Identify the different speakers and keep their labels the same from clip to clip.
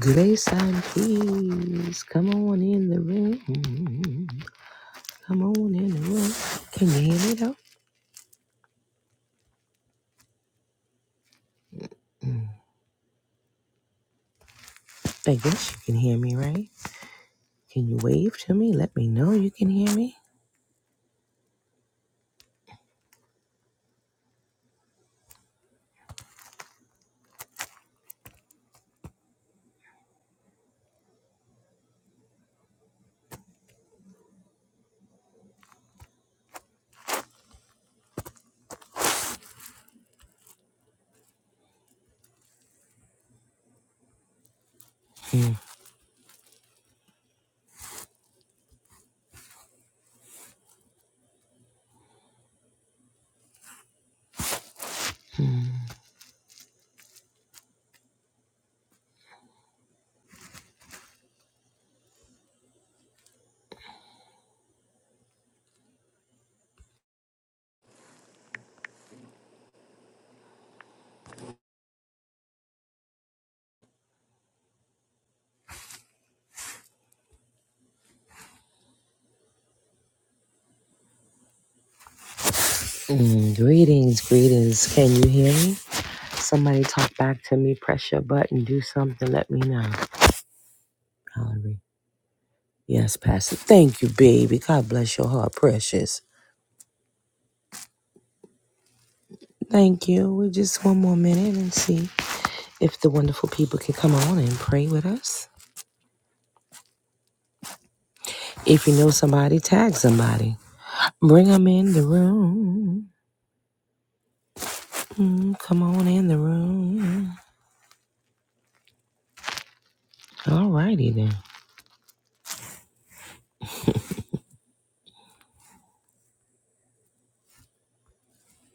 Speaker 1: Grace and peace. Come on in the room. Come on in the room. Can you hear me though? I guess you can hear me, right? Can you wave to me? Let me know you can hear me. Mm. Mm, Greetings, greetings. Can you hear me? Somebody talk back to me. Press your button. Do something. Let me know. Valerie. Yes, Pastor. Thank you, baby. God bless your heart, precious. Thank you. We just one more minute and see if the wonderful people can come on and pray with us. If you know somebody, tag somebody. Bring them in the room. Mm, come on in the room. Alrighty then.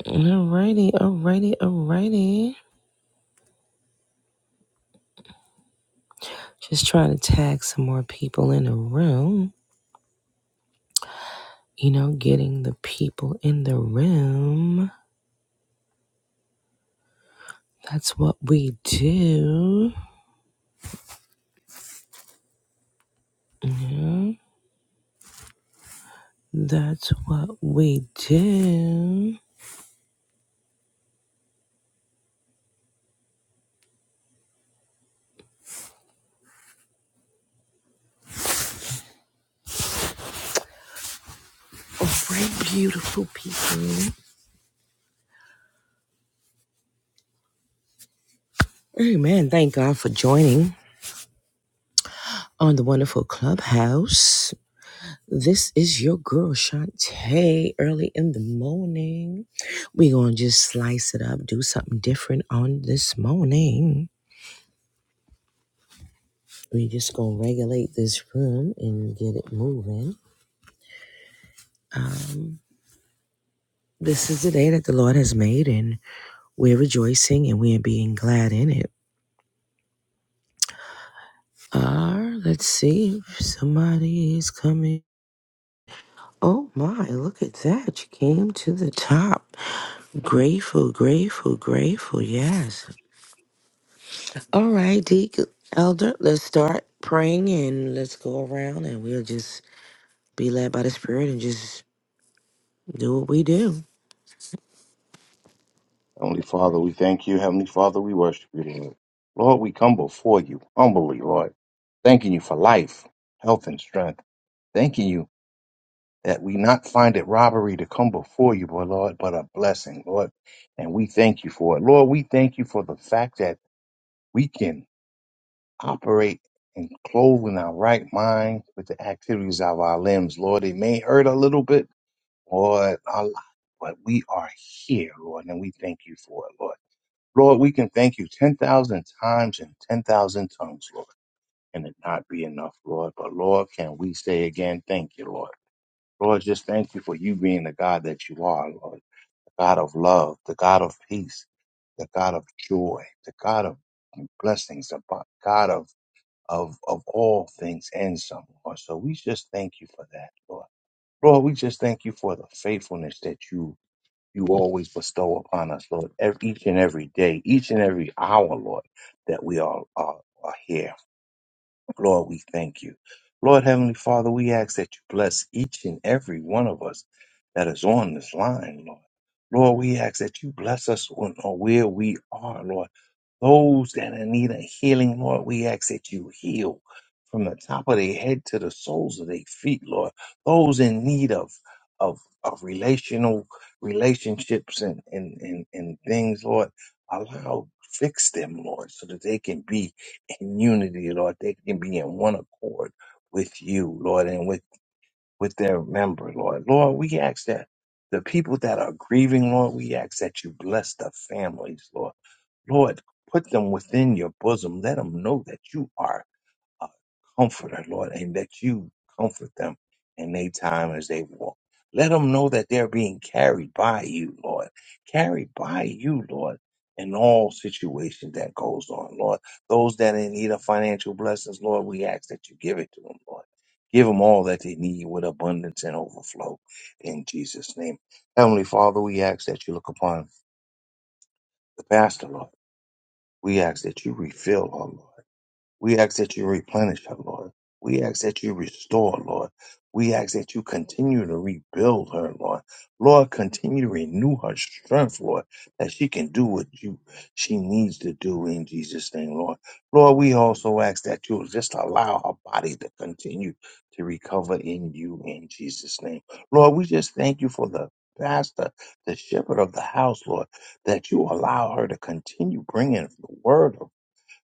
Speaker 1: Alrighty, alrighty, alrighty. Just trying to tag some more people in the room. You know, getting the people in the room. That's what we do. That's what we do. All right, beautiful people. Amen. Thank God for joining on the wonderful clubhouse. This is your girl Shantae early in the morning. we gonna just slice it up, do something different on this morning. we just gonna regulate this room and get it moving. Um, this is the day that the Lord has made, and we're rejoicing and we're being glad in it. Uh, let's see if somebody is coming. Oh my, look at that. You came to the top. Grateful, grateful, grateful. Yes. All right, Deacon Elder, let's start praying and let's go around and we'll just be led by the Spirit and just do what we do.
Speaker 2: Heavenly Father, we thank you. Heavenly Father, we worship you, Lord. Lord, we come before you humbly, Lord, thanking you for life, health, and strength. Thanking you that we not find it robbery to come before you, but Lord, but a blessing, Lord. And we thank you for it. Lord, we thank you for the fact that we can operate and clothe in our right mind with the activities of our limbs, Lord. It may hurt a little bit, Lord, a lot, but we are here, Lord, and we thank you for it, Lord. Lord, we can thank you 10,000 times and 10,000 tongues, Lord, and it not be enough, Lord. But Lord, can we say again, thank you, Lord. Lord, just thank you for you being the God that you are, Lord, the God of love, the God of peace, the God of joy, the God of blessings, the bo- God of, of, of all things and some, Lord. So we just thank you for that, Lord. Lord, we just thank you for the faithfulness that you you always bestow upon us, Lord, ev- each and every day, each and every hour, Lord, that we all are, are here. Lord, we thank you. Lord, Heavenly Father, we ask that you bless each and every one of us that is on this line, Lord. Lord, we ask that you bless us on, on where we are, Lord. Those that are in need of healing, Lord, we ask that you heal from the top of their head to the soles of their feet, Lord. Those in need of of, of relational relationships and, and, and, and things, Lord, allow fix them, Lord, so that they can be in unity, Lord. They can be in one accord with you, Lord, and with, with their member, Lord. Lord, we ask that the people that are grieving, Lord, we ask that you bless the families, Lord. Lord, put them within your bosom. Let them know that you are a comforter, Lord, and that you comfort them in their time as they walk. Let them know that they're being carried by you, Lord. Carried by you, Lord, in all situations that goes on, Lord. Those that are in need of financial blessings, Lord, we ask that you give it to them, Lord. Give them all that they need with abundance and overflow in Jesus' name. Heavenly Father, we ask that you look upon the pastor, Lord. We ask that you refill her, Lord. We ask that you replenish her, Lord. We ask that you restore, Lord. We ask that you continue to rebuild her, Lord. Lord, continue to renew her strength, Lord, that she can do what you she needs to do in Jesus' name, Lord. Lord, we also ask that you just allow her body to continue to recover in you in Jesus' name. Lord, we just thank you for the pastor, the shepherd of the house, Lord, that you allow her to continue bringing the word of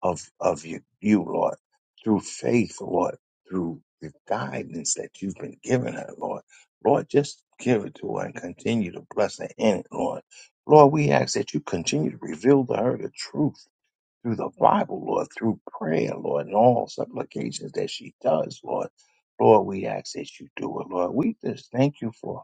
Speaker 2: of of you, you, Lord, through faith, Lord, through the guidance that you've been giving her, Lord. Lord, just give it to her and continue to bless her in it, Lord. Lord, we ask that you continue to reveal to her the truth through the Bible, Lord, through prayer, Lord, and all supplications that she does, Lord. Lord, we ask that you do it, Lord. We just thank you for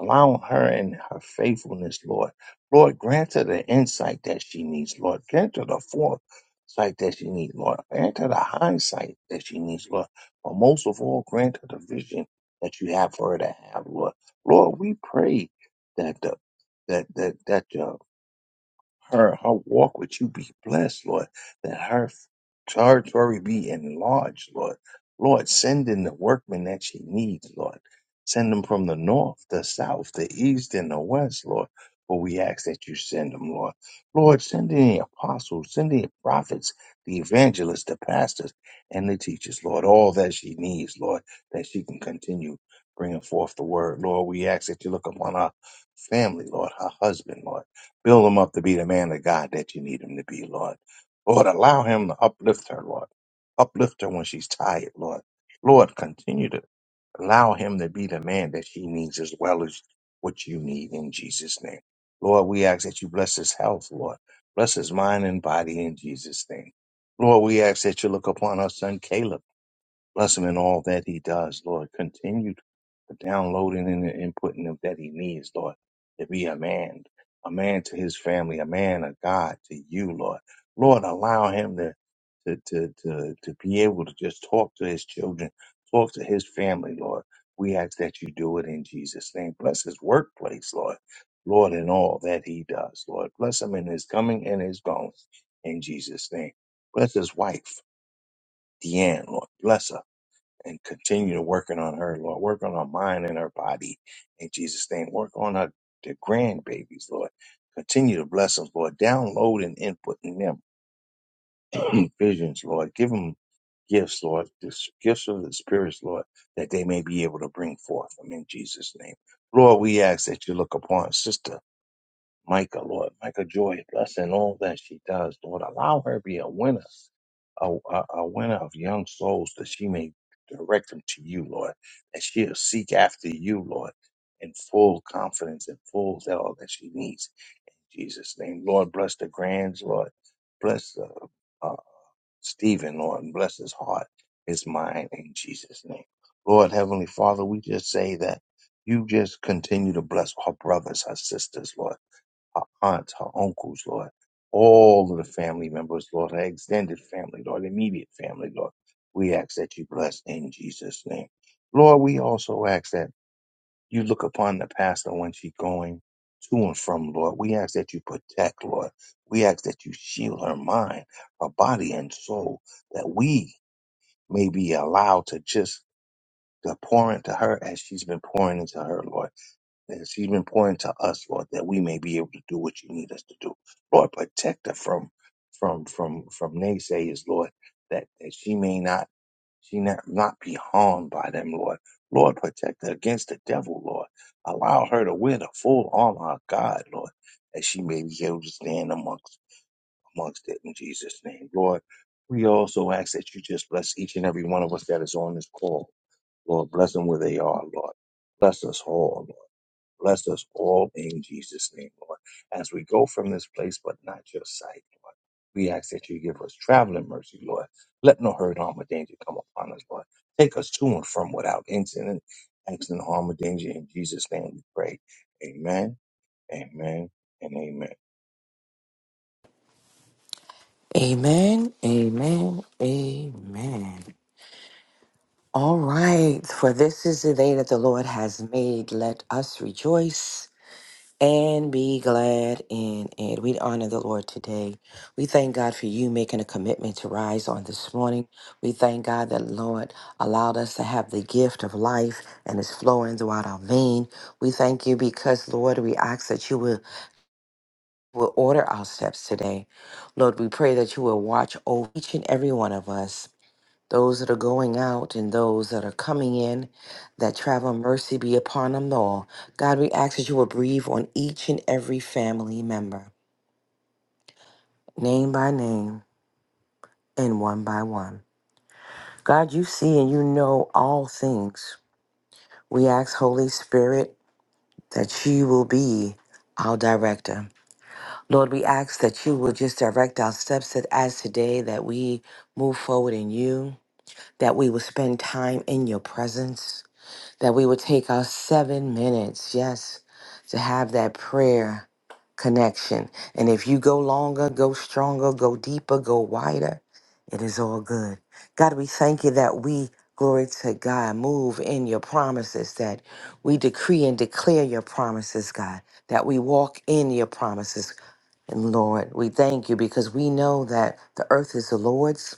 Speaker 2: Allow her and her faithfulness, Lord. Lord, grant her the insight that she needs, Lord. Grant her the foresight that she needs, Lord. Grant her the hindsight that she needs, Lord. But most of all, grant her the vision that you have for her to have, Lord. Lord, we pray that the that that that your her her walk with you be blessed, Lord. That her territory be enlarged, Lord. Lord, send in the workmen that she needs, Lord. Send them from the north, the south, the east, and the west, Lord. For we ask that you send them, Lord. Lord, send in the apostles, send in the prophets, the evangelists, the pastors, and the teachers, Lord. All that she needs, Lord, that she can continue bringing forth the word, Lord. We ask that you look upon our family, Lord, her husband, Lord. Build him up to be the man of God that you need him to be, Lord. Lord, allow him to uplift her, Lord. Uplift her when she's tired, Lord. Lord, continue to allow him to be the man that she needs as well as what you need in Jesus' name. Lord, we ask that you bless his health, Lord. Bless his mind and body in Jesus' name. Lord, we ask that you look upon our son Caleb. Bless him in all that he does, Lord. Continue the downloading and the inputting of that he needs, Lord, to be a man, a man to his family, a man of God to you, Lord. Lord, allow him to to to to, to be able to just talk to his children, talk to his family, Lord. We ask that you do it in Jesus' name. Bless his workplace, Lord. Lord, in all that he does, Lord. Bless him in his coming and his going in Jesus' name. Bless his wife, Deanne, Lord. Bless her and continue to working on her, Lord. Work on her mind and her body in Jesus' name. Work on her the grandbabies, Lord. Continue to bless them, Lord. Download and input in them visions, Lord. Give them gifts, Lord. Just gifts of the spirits, Lord, that they may be able to bring forth them in Jesus' name. Lord, we ask that you look upon Sister Micah, Lord. Micah Joy, bless in all that she does, Lord. Allow her to be a winner, a, a, a winner of young souls that she may direct them to you, Lord. That she'll seek after you, Lord, in full confidence and full zeal that she needs. In Jesus' name, Lord, bless the grands, Lord. Bless uh, uh, Stephen, Lord, and bless his heart, his mind, in Jesus' name. Lord, Heavenly Father, we just say that you just continue to bless our brothers, our sisters, Lord her aunts, her uncles, Lord, all of the family members, Lord, her extended family, Lord, immediate family, Lord. We ask that you bless in Jesus' name. Lord, we also ask that you look upon the pastor when she's going to and from, Lord. We ask that you protect, Lord. We ask that you shield her mind, her body, and soul, that we may be allowed to just to pour into her as she's been pouring into her, Lord as he's been pointing to us, Lord, that we may be able to do what you need us to do. Lord, protect her from from from from naysayers, Lord, that, that she may not she not, not be harmed by them, Lord. Lord, protect her against the devil, Lord. Allow her to wear the full armor of God, Lord, that she may be able to stand amongst amongst it in Jesus' name. Lord, we also ask that you just bless each and every one of us that is on this call. Lord, bless them where they are, Lord. Bless us all, Lord. Bless us all in Jesus' name, Lord. As we go from this place, but not your sight, Lord. We ask that you give us traveling mercy, Lord. Let no hurt, harm, or danger come upon us, Lord. Take us to and from without incident, accident, harm, or danger. In Jesus' name we pray. Amen, amen, and amen.
Speaker 1: Amen, amen, amen. All right, for this is the day that the Lord has made. Let us rejoice and be glad in it. We honor the Lord today. We thank God for you making a commitment to rise on this morning. We thank God that Lord allowed us to have the gift of life and is flowing throughout our vein. We thank you because Lord, we ask that you will will order our steps today. Lord, we pray that you will watch over each and every one of us those that are going out and those that are coming in, that travel mercy be upon them all. God, we ask that you will breathe on each and every family member, name by name and one by one. God, you see and you know all things. We ask, Holy Spirit, that you will be our director. Lord, we ask that you will just direct our steps that as today that we move forward in you, that we will spend time in your presence that we would take our seven minutes, yes, to have that prayer connection. And if you go longer, go stronger, go deeper, go wider, it is all good. God, we thank you that we, glory to God, move in your promises, that we decree and declare your promises, God, that we walk in your promises. And Lord, we thank you because we know that the earth is the Lord's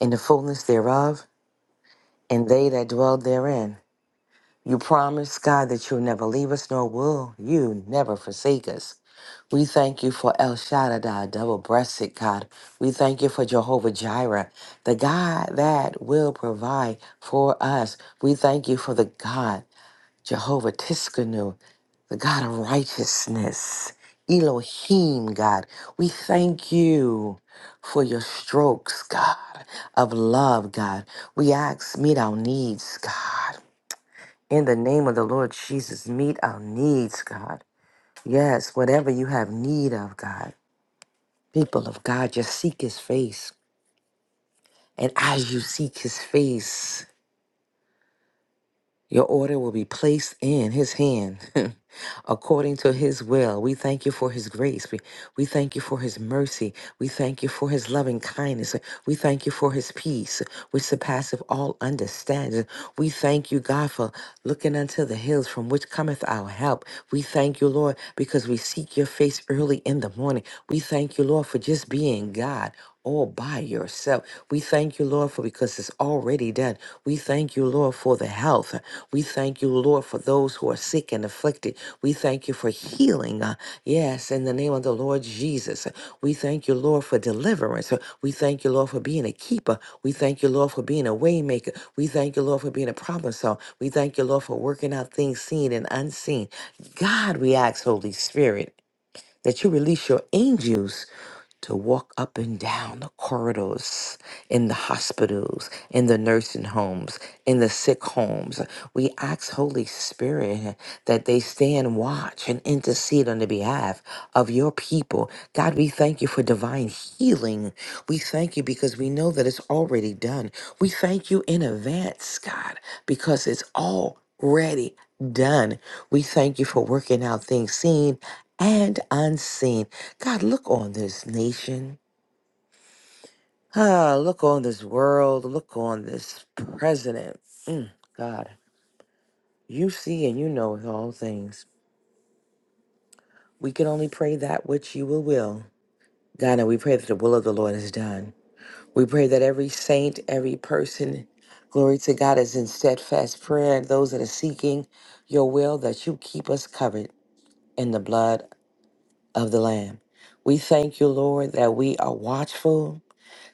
Speaker 1: and the fullness thereof, and they that dwell therein. You promise, God, that you'll never leave us, nor will you never forsake us. We thank you for El Shaddai, double breasted God. We thank you for Jehovah Jireh, the God that will provide for us. We thank you for the God, Jehovah Tiskanu, the God of righteousness, Elohim, God. We thank you for your strokes, God, of love, God. We ask, meet our needs, God. In the name of the Lord Jesus, meet our needs, God. Yes, whatever you have need of, God. People of God, just seek his face. And as you seek his face, Your order will be placed in his hand according to his will. We thank you for his grace. We, we thank you for his mercy. We thank you for his loving kindness. We thank you for his peace, which surpasseth all understanding. We thank you, God, for looking unto the hills from which cometh our help. We thank you, Lord, because we seek your face early in the morning. We thank you, Lord, for just being God all by yourself. We thank you, Lord, for because it's already done. We thank you, Lord, for the health. We thank you, Lord, for those who are sick and afflicted. We thank you for healing. uh, Yes, in the name of the Lord Jesus. We thank you, Lord, for deliverance. We thank you, Lord, for being a keeper. We thank you, Lord, for being a waymaker. We thank you, Lord, for being a problem solver. We thank you, Lord, for working out things seen and unseen. God, we ask, Holy Spirit, that you release your angels to walk up and down the corridors in the hospitals, in the nursing homes, in the sick homes. We ask Holy Spirit that they stand watch and intercede on the behalf of your people. God, we thank you for divine healing. We thank you because we know that it's already done. We thank you in advance, God, because it's already done. We thank you for working out things seen and unseen. God, look on this nation. Ah, look on this world. Look on this president. Mm, God, you see and you know all things. We can only pray that which you will will. God, and we pray that the will of the Lord is done. We pray that every saint, every person, glory to God, is in steadfast prayer. And those that are seeking your will, that you keep us covered in the blood of the Lamb. We thank you, Lord, that we are watchful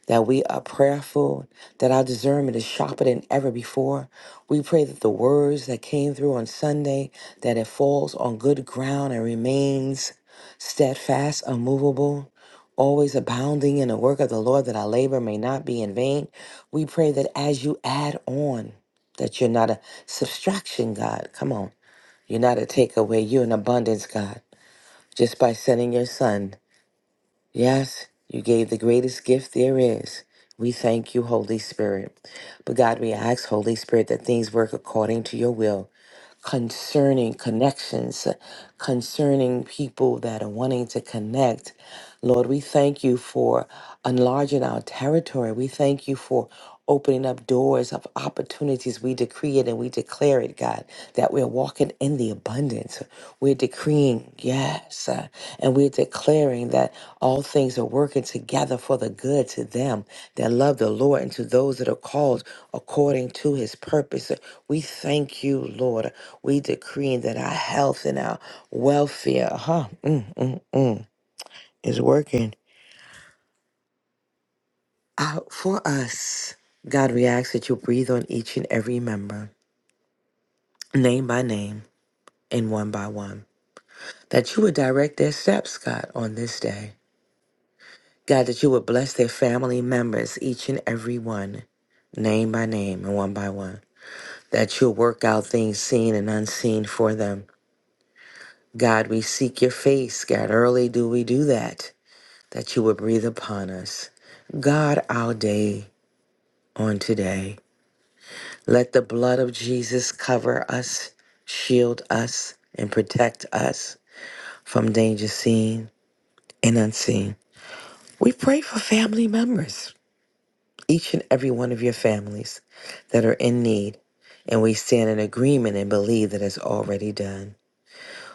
Speaker 1: that we are prayerful, that our discernment is sharper than ever before. We pray that the words that came through on Sunday, that it falls on good ground and remains steadfast, unmovable, always abounding in the work of the Lord, that our labor may not be in vain. We pray that as you add on, that you're not a subtraction, God. Come on. You're not a takeaway. You're an abundance, God. Just by sending your son Yes, you gave the greatest gift there is. We thank you, Holy Spirit. But God, we ask, Holy Spirit, that things work according to your will concerning connections, concerning people that are wanting to connect. Lord, we thank you for enlarging our territory. We thank you for opening up doors of opportunities. We decree it and we declare it, God, that we're walking in the abundance decreeing, yes, uh, and we're declaring that all things are working together for the good to them that love the Lord and to those that are called according to his purpose. So We thank you, Lord. We decreeing that our health and our welfare, huh, mm, mm, mm, is working out for us. God, we ask that you breathe on each and every member, name by name and one by one, that you would direct their steps, God, on this day. God, that you would bless their family members, each and every one, name by name and one by one. That you'll work out things seen and unseen for them. God, we seek your face. God, early do we do that. That you would breathe upon us. God, our day on today. Let the blood of Jesus cover us, shield us, and protect us from danger seen and unseen. We pray for family members. each and every one of your families that are in need. And we stand in agreement and believe that it's already done.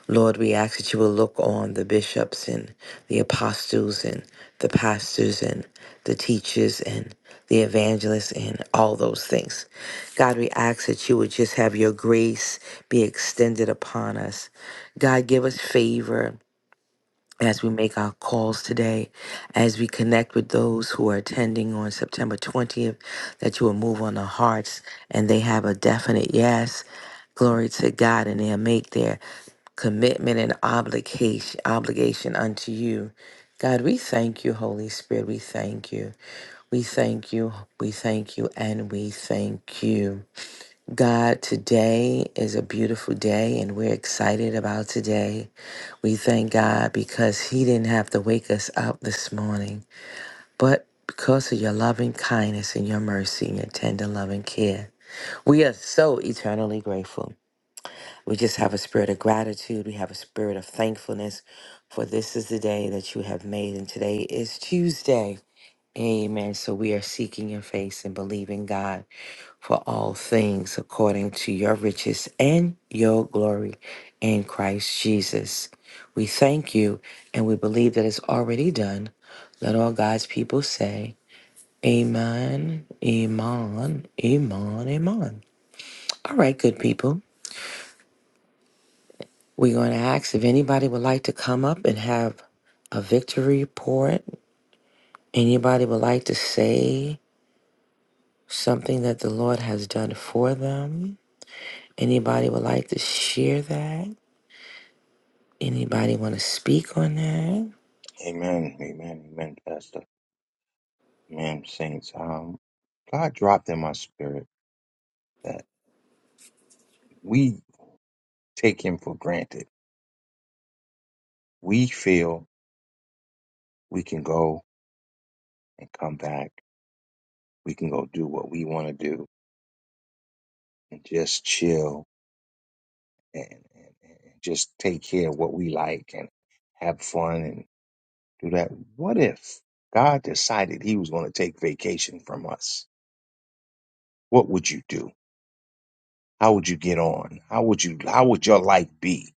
Speaker 1: Lord, we ask that you will look on the bishops and the apostles and the pastors and the teachers and the evangelists and all those things. God, we ask that you would just have your grace be extended upon us. God, give us favor as we make our calls today, as we connect with those who are attending on September 20th, that you will move on their hearts and they have a definite yes. Glory to God, and they'll make their commitment and obligation obligation unto you. God, we thank you, Holy Spirit. We thank you. We thank you. We thank you and we thank you. God, today is a beautiful day and we're excited about today. We thank God because He didn't have to wake us up this morning, but because of your loving kindness and your mercy and your tender love and care. We are so eternally grateful. We just have a spirit of gratitude. We have a spirit of thankfulness, for this is the day that you have made, and today is Tuesday. Amen. So we are seeking your face and believing God for all things according to your riches and your glory in Christ Jesus. We thank you and we believe that it's already done. Let all God's people say, Amen, Amen, Amen, Amen. All right, good people. We're going to ask if anybody would like to come up and have a victory report. Anybody would like to say something that the Lord has done for them? Anybody would like to share that? Anybody want to speak on that?
Speaker 2: Amen, amen, amen, Pastor. Amen, saints. Um, God dropped in my spirit that we take him for granted. We feel we can go and come back we can go do what we want to do and just chill and, and, and just take care of what we like and have fun and do that. What if God decided he was going to take vacation from us? What would you do? How would you get on? How would you how would your life be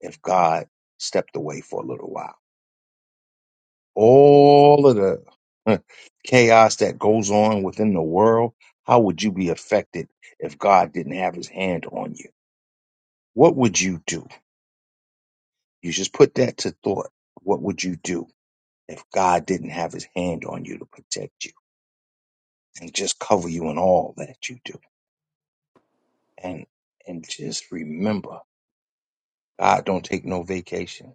Speaker 2: if God stepped away for a little while? All of the huh, chaos that goes on within the world, how would you be affected if God didn't have his hand on you? What would you do? You just put that to thought. What would you do if God didn't have his hand on you to protect you and just cover you in all that you do? And and just remember, God don't take no vacation.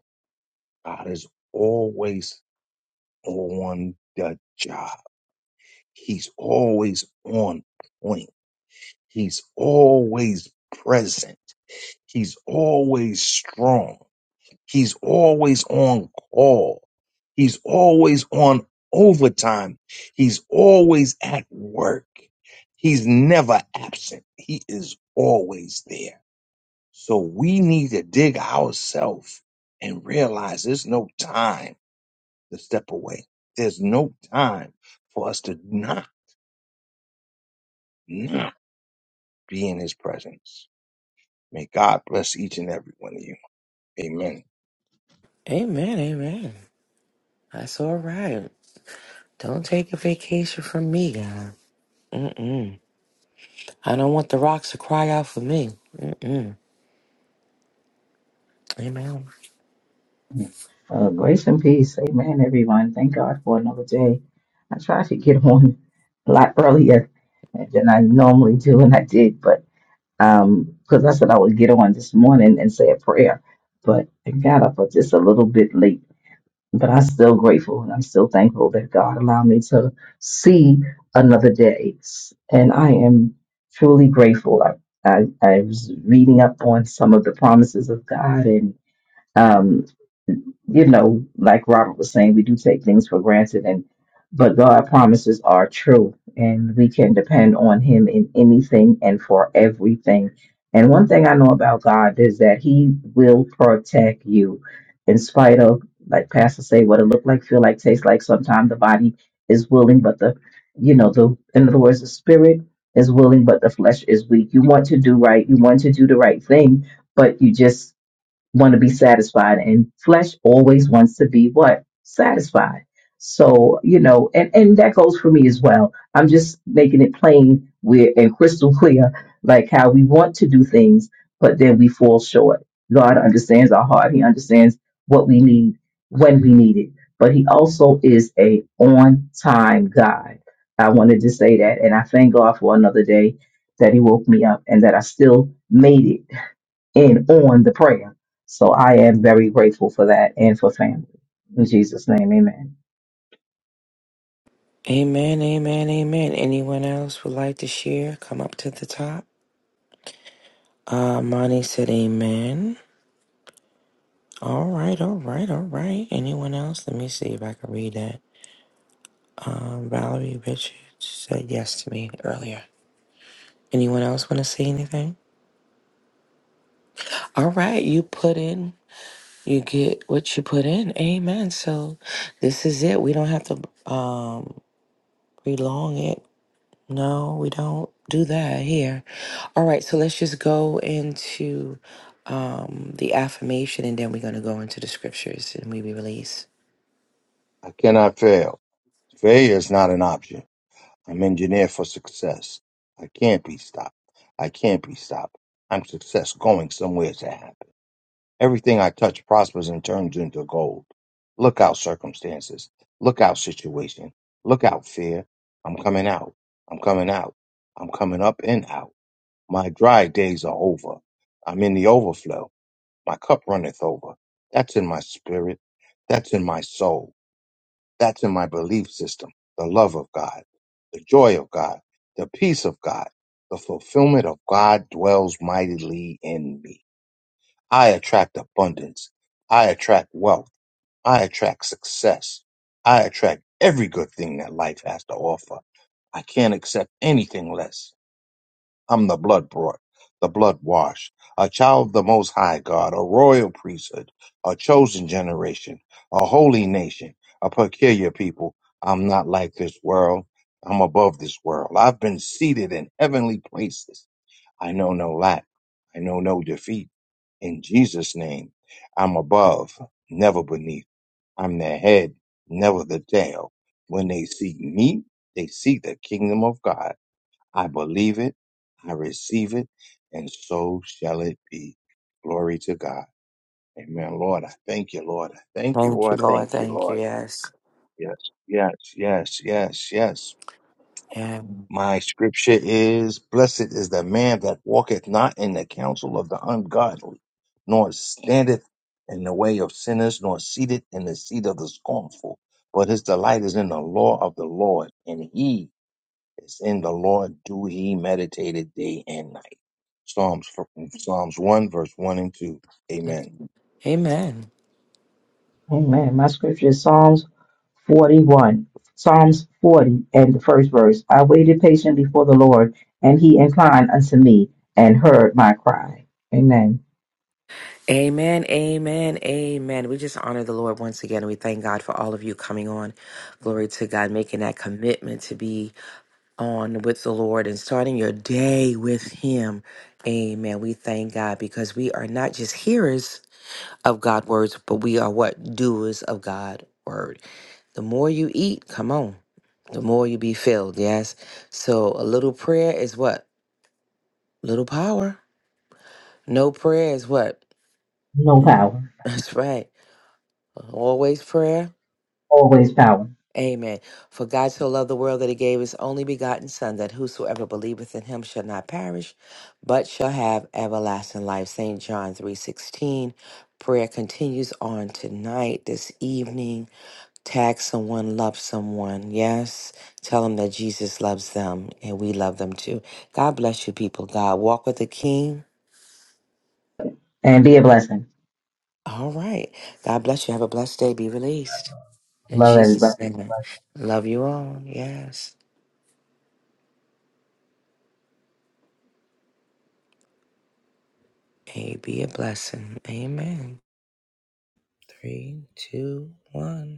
Speaker 2: God is always on the job. He's always on point. He's always present. He's always strong. He's always on call. He's always on overtime. He's always at work. He's never absent. He is always there. So we need to dig ourselves and realize there's no time to step away. There's no time for us to not, not be in his presence. May God bless each and every one of you. Amen.
Speaker 1: Amen, amen. That's all right. Don't take a vacation from me, God. Mm-mm. I don't want the rocks to cry out for me. Mm-mm. Amen.
Speaker 3: Uh, grace and peace. Amen, everyone. Thank God for another day. I tried to get on a lot earlier than I normally do, and I did, but um, because I said I would get on this morning and say a prayer, but I got up just a little bit late. But I'm still grateful and I'm still thankful that God allowed me to see another day. And I am truly grateful. I, I, I was reading up on some of the promises of God, and. Um, you know, like Robert was saying, we do take things for granted, and but God promises are true, and we can depend on Him in anything and for everything. And one thing I know about God is that He will protect you, in spite of, like Pastor say, what it look like, feel like, taste like. Sometimes the body is willing, but the, you know, the in other words, the spirit is willing, but the flesh is weak. You want to do right, you want to do the right thing, but you just want to be satisfied and flesh always wants to be what satisfied so you know and and that goes for me as well i'm just making it plain where and crystal clear like how we want to do things but then we fall short god understands our heart he understands what we need when we need it but he also is a on time god i wanted to say that and i thank god for another day that he woke me up and that i still made it and on the prayer. So I am very grateful for that and for family. In Jesus' name, amen.
Speaker 1: Amen, amen, amen. Anyone else would like to share? Come up to the top. Uh, Monty said amen. All right, all right, all right. Anyone else? Let me see if I can read that. Um, Valerie Richards said yes to me earlier. Anyone else want to say anything? All right, you put in You get what you put in. Amen. So this is it. We don't have to um prolong it. No, we don't do that here. All right, so let's just go into um the affirmation and then we're gonna go into the scriptures and we be released.
Speaker 2: I cannot fail. Failure is not an option. I'm engineered for success. I can't be stopped. I can't be stopped. I'm success going somewhere to happen. Everything I touch prospers and turns into gold. Look out, circumstances. Look out, situation. Look out, fear. I'm coming out. I'm coming out. I'm coming up and out. My dry days are over. I'm in the overflow. My cup runneth over. That's in my spirit. That's in my soul. That's in my belief system. The love of God, the joy of God, the peace of God, the fulfillment of God dwells mightily in me. I attract abundance. I attract wealth. I attract success. I attract every good thing that life has to offer. I can't accept anything less. I'm the blood brought, the blood washed, a child of the Most High God, a royal priesthood, a chosen generation, a holy nation, a peculiar people. I'm not like this world. I'm above this world. I've been seated in heavenly places. I know no lack. I know no defeat. In Jesus' name, I'm above, never beneath. I'm the head, never the tail. When they see me, they see the kingdom of God. I believe it, I receive it, and so shall it be. Glory to God. Amen. Lord, I thank you, Lord. I thank you,
Speaker 1: Thank you,
Speaker 2: Lord. I
Speaker 1: Lord.
Speaker 2: thank you,
Speaker 1: Thank you.
Speaker 2: Lord.
Speaker 1: Yes.
Speaker 2: Yes, yes, yes, yes, yes.
Speaker 1: Yeah.
Speaker 2: My scripture is Blessed is the man that walketh not in the counsel of the ungodly, nor standeth in the way of sinners, nor seated in the seat of the scornful. But his delight is in the law of the Lord, and he it's in the Lord do he meditated day and night. Psalms Psalms 1, verse 1 and 2.
Speaker 1: Amen.
Speaker 2: Amen.
Speaker 3: Amen. My scripture is Psalms 41. Psalms 40 and the first verse. I waited patiently before the Lord, and he inclined unto me and heard my cry. Amen.
Speaker 1: Amen. Amen. Amen. We just honor the Lord once again. We thank God for all of you coming on. Glory to God, making that commitment to be on with the Lord and starting your day with Him. Amen. We thank God because we are not just hearers of God's words, but we are what? Doers of God's word. The more you eat, come on, the more you be filled. Yes. So a little prayer is what? Little power. No prayer is what?
Speaker 3: No
Speaker 1: Mm,
Speaker 3: power,
Speaker 1: That's right. Always prayer.
Speaker 3: always power,
Speaker 1: Amen. For God so loved the world that he gave his only begotten Son, that whosoever believeth in him shall not perish, but shall have everlasting life. St. John 3.16. Prayer continues on tonight, this evening. Tag someone, love someone. Yes. Tell them that Jesus loves them and we love them too. God bless you, people. God walk with the King.
Speaker 3: and be a blessing.
Speaker 1: All right. God bless you. Have a blessed day. Be released. In
Speaker 3: Love everybody.
Speaker 1: Jesus' name. Love you all. Yes. Hey, be a blessing. Amen. Three, two, one.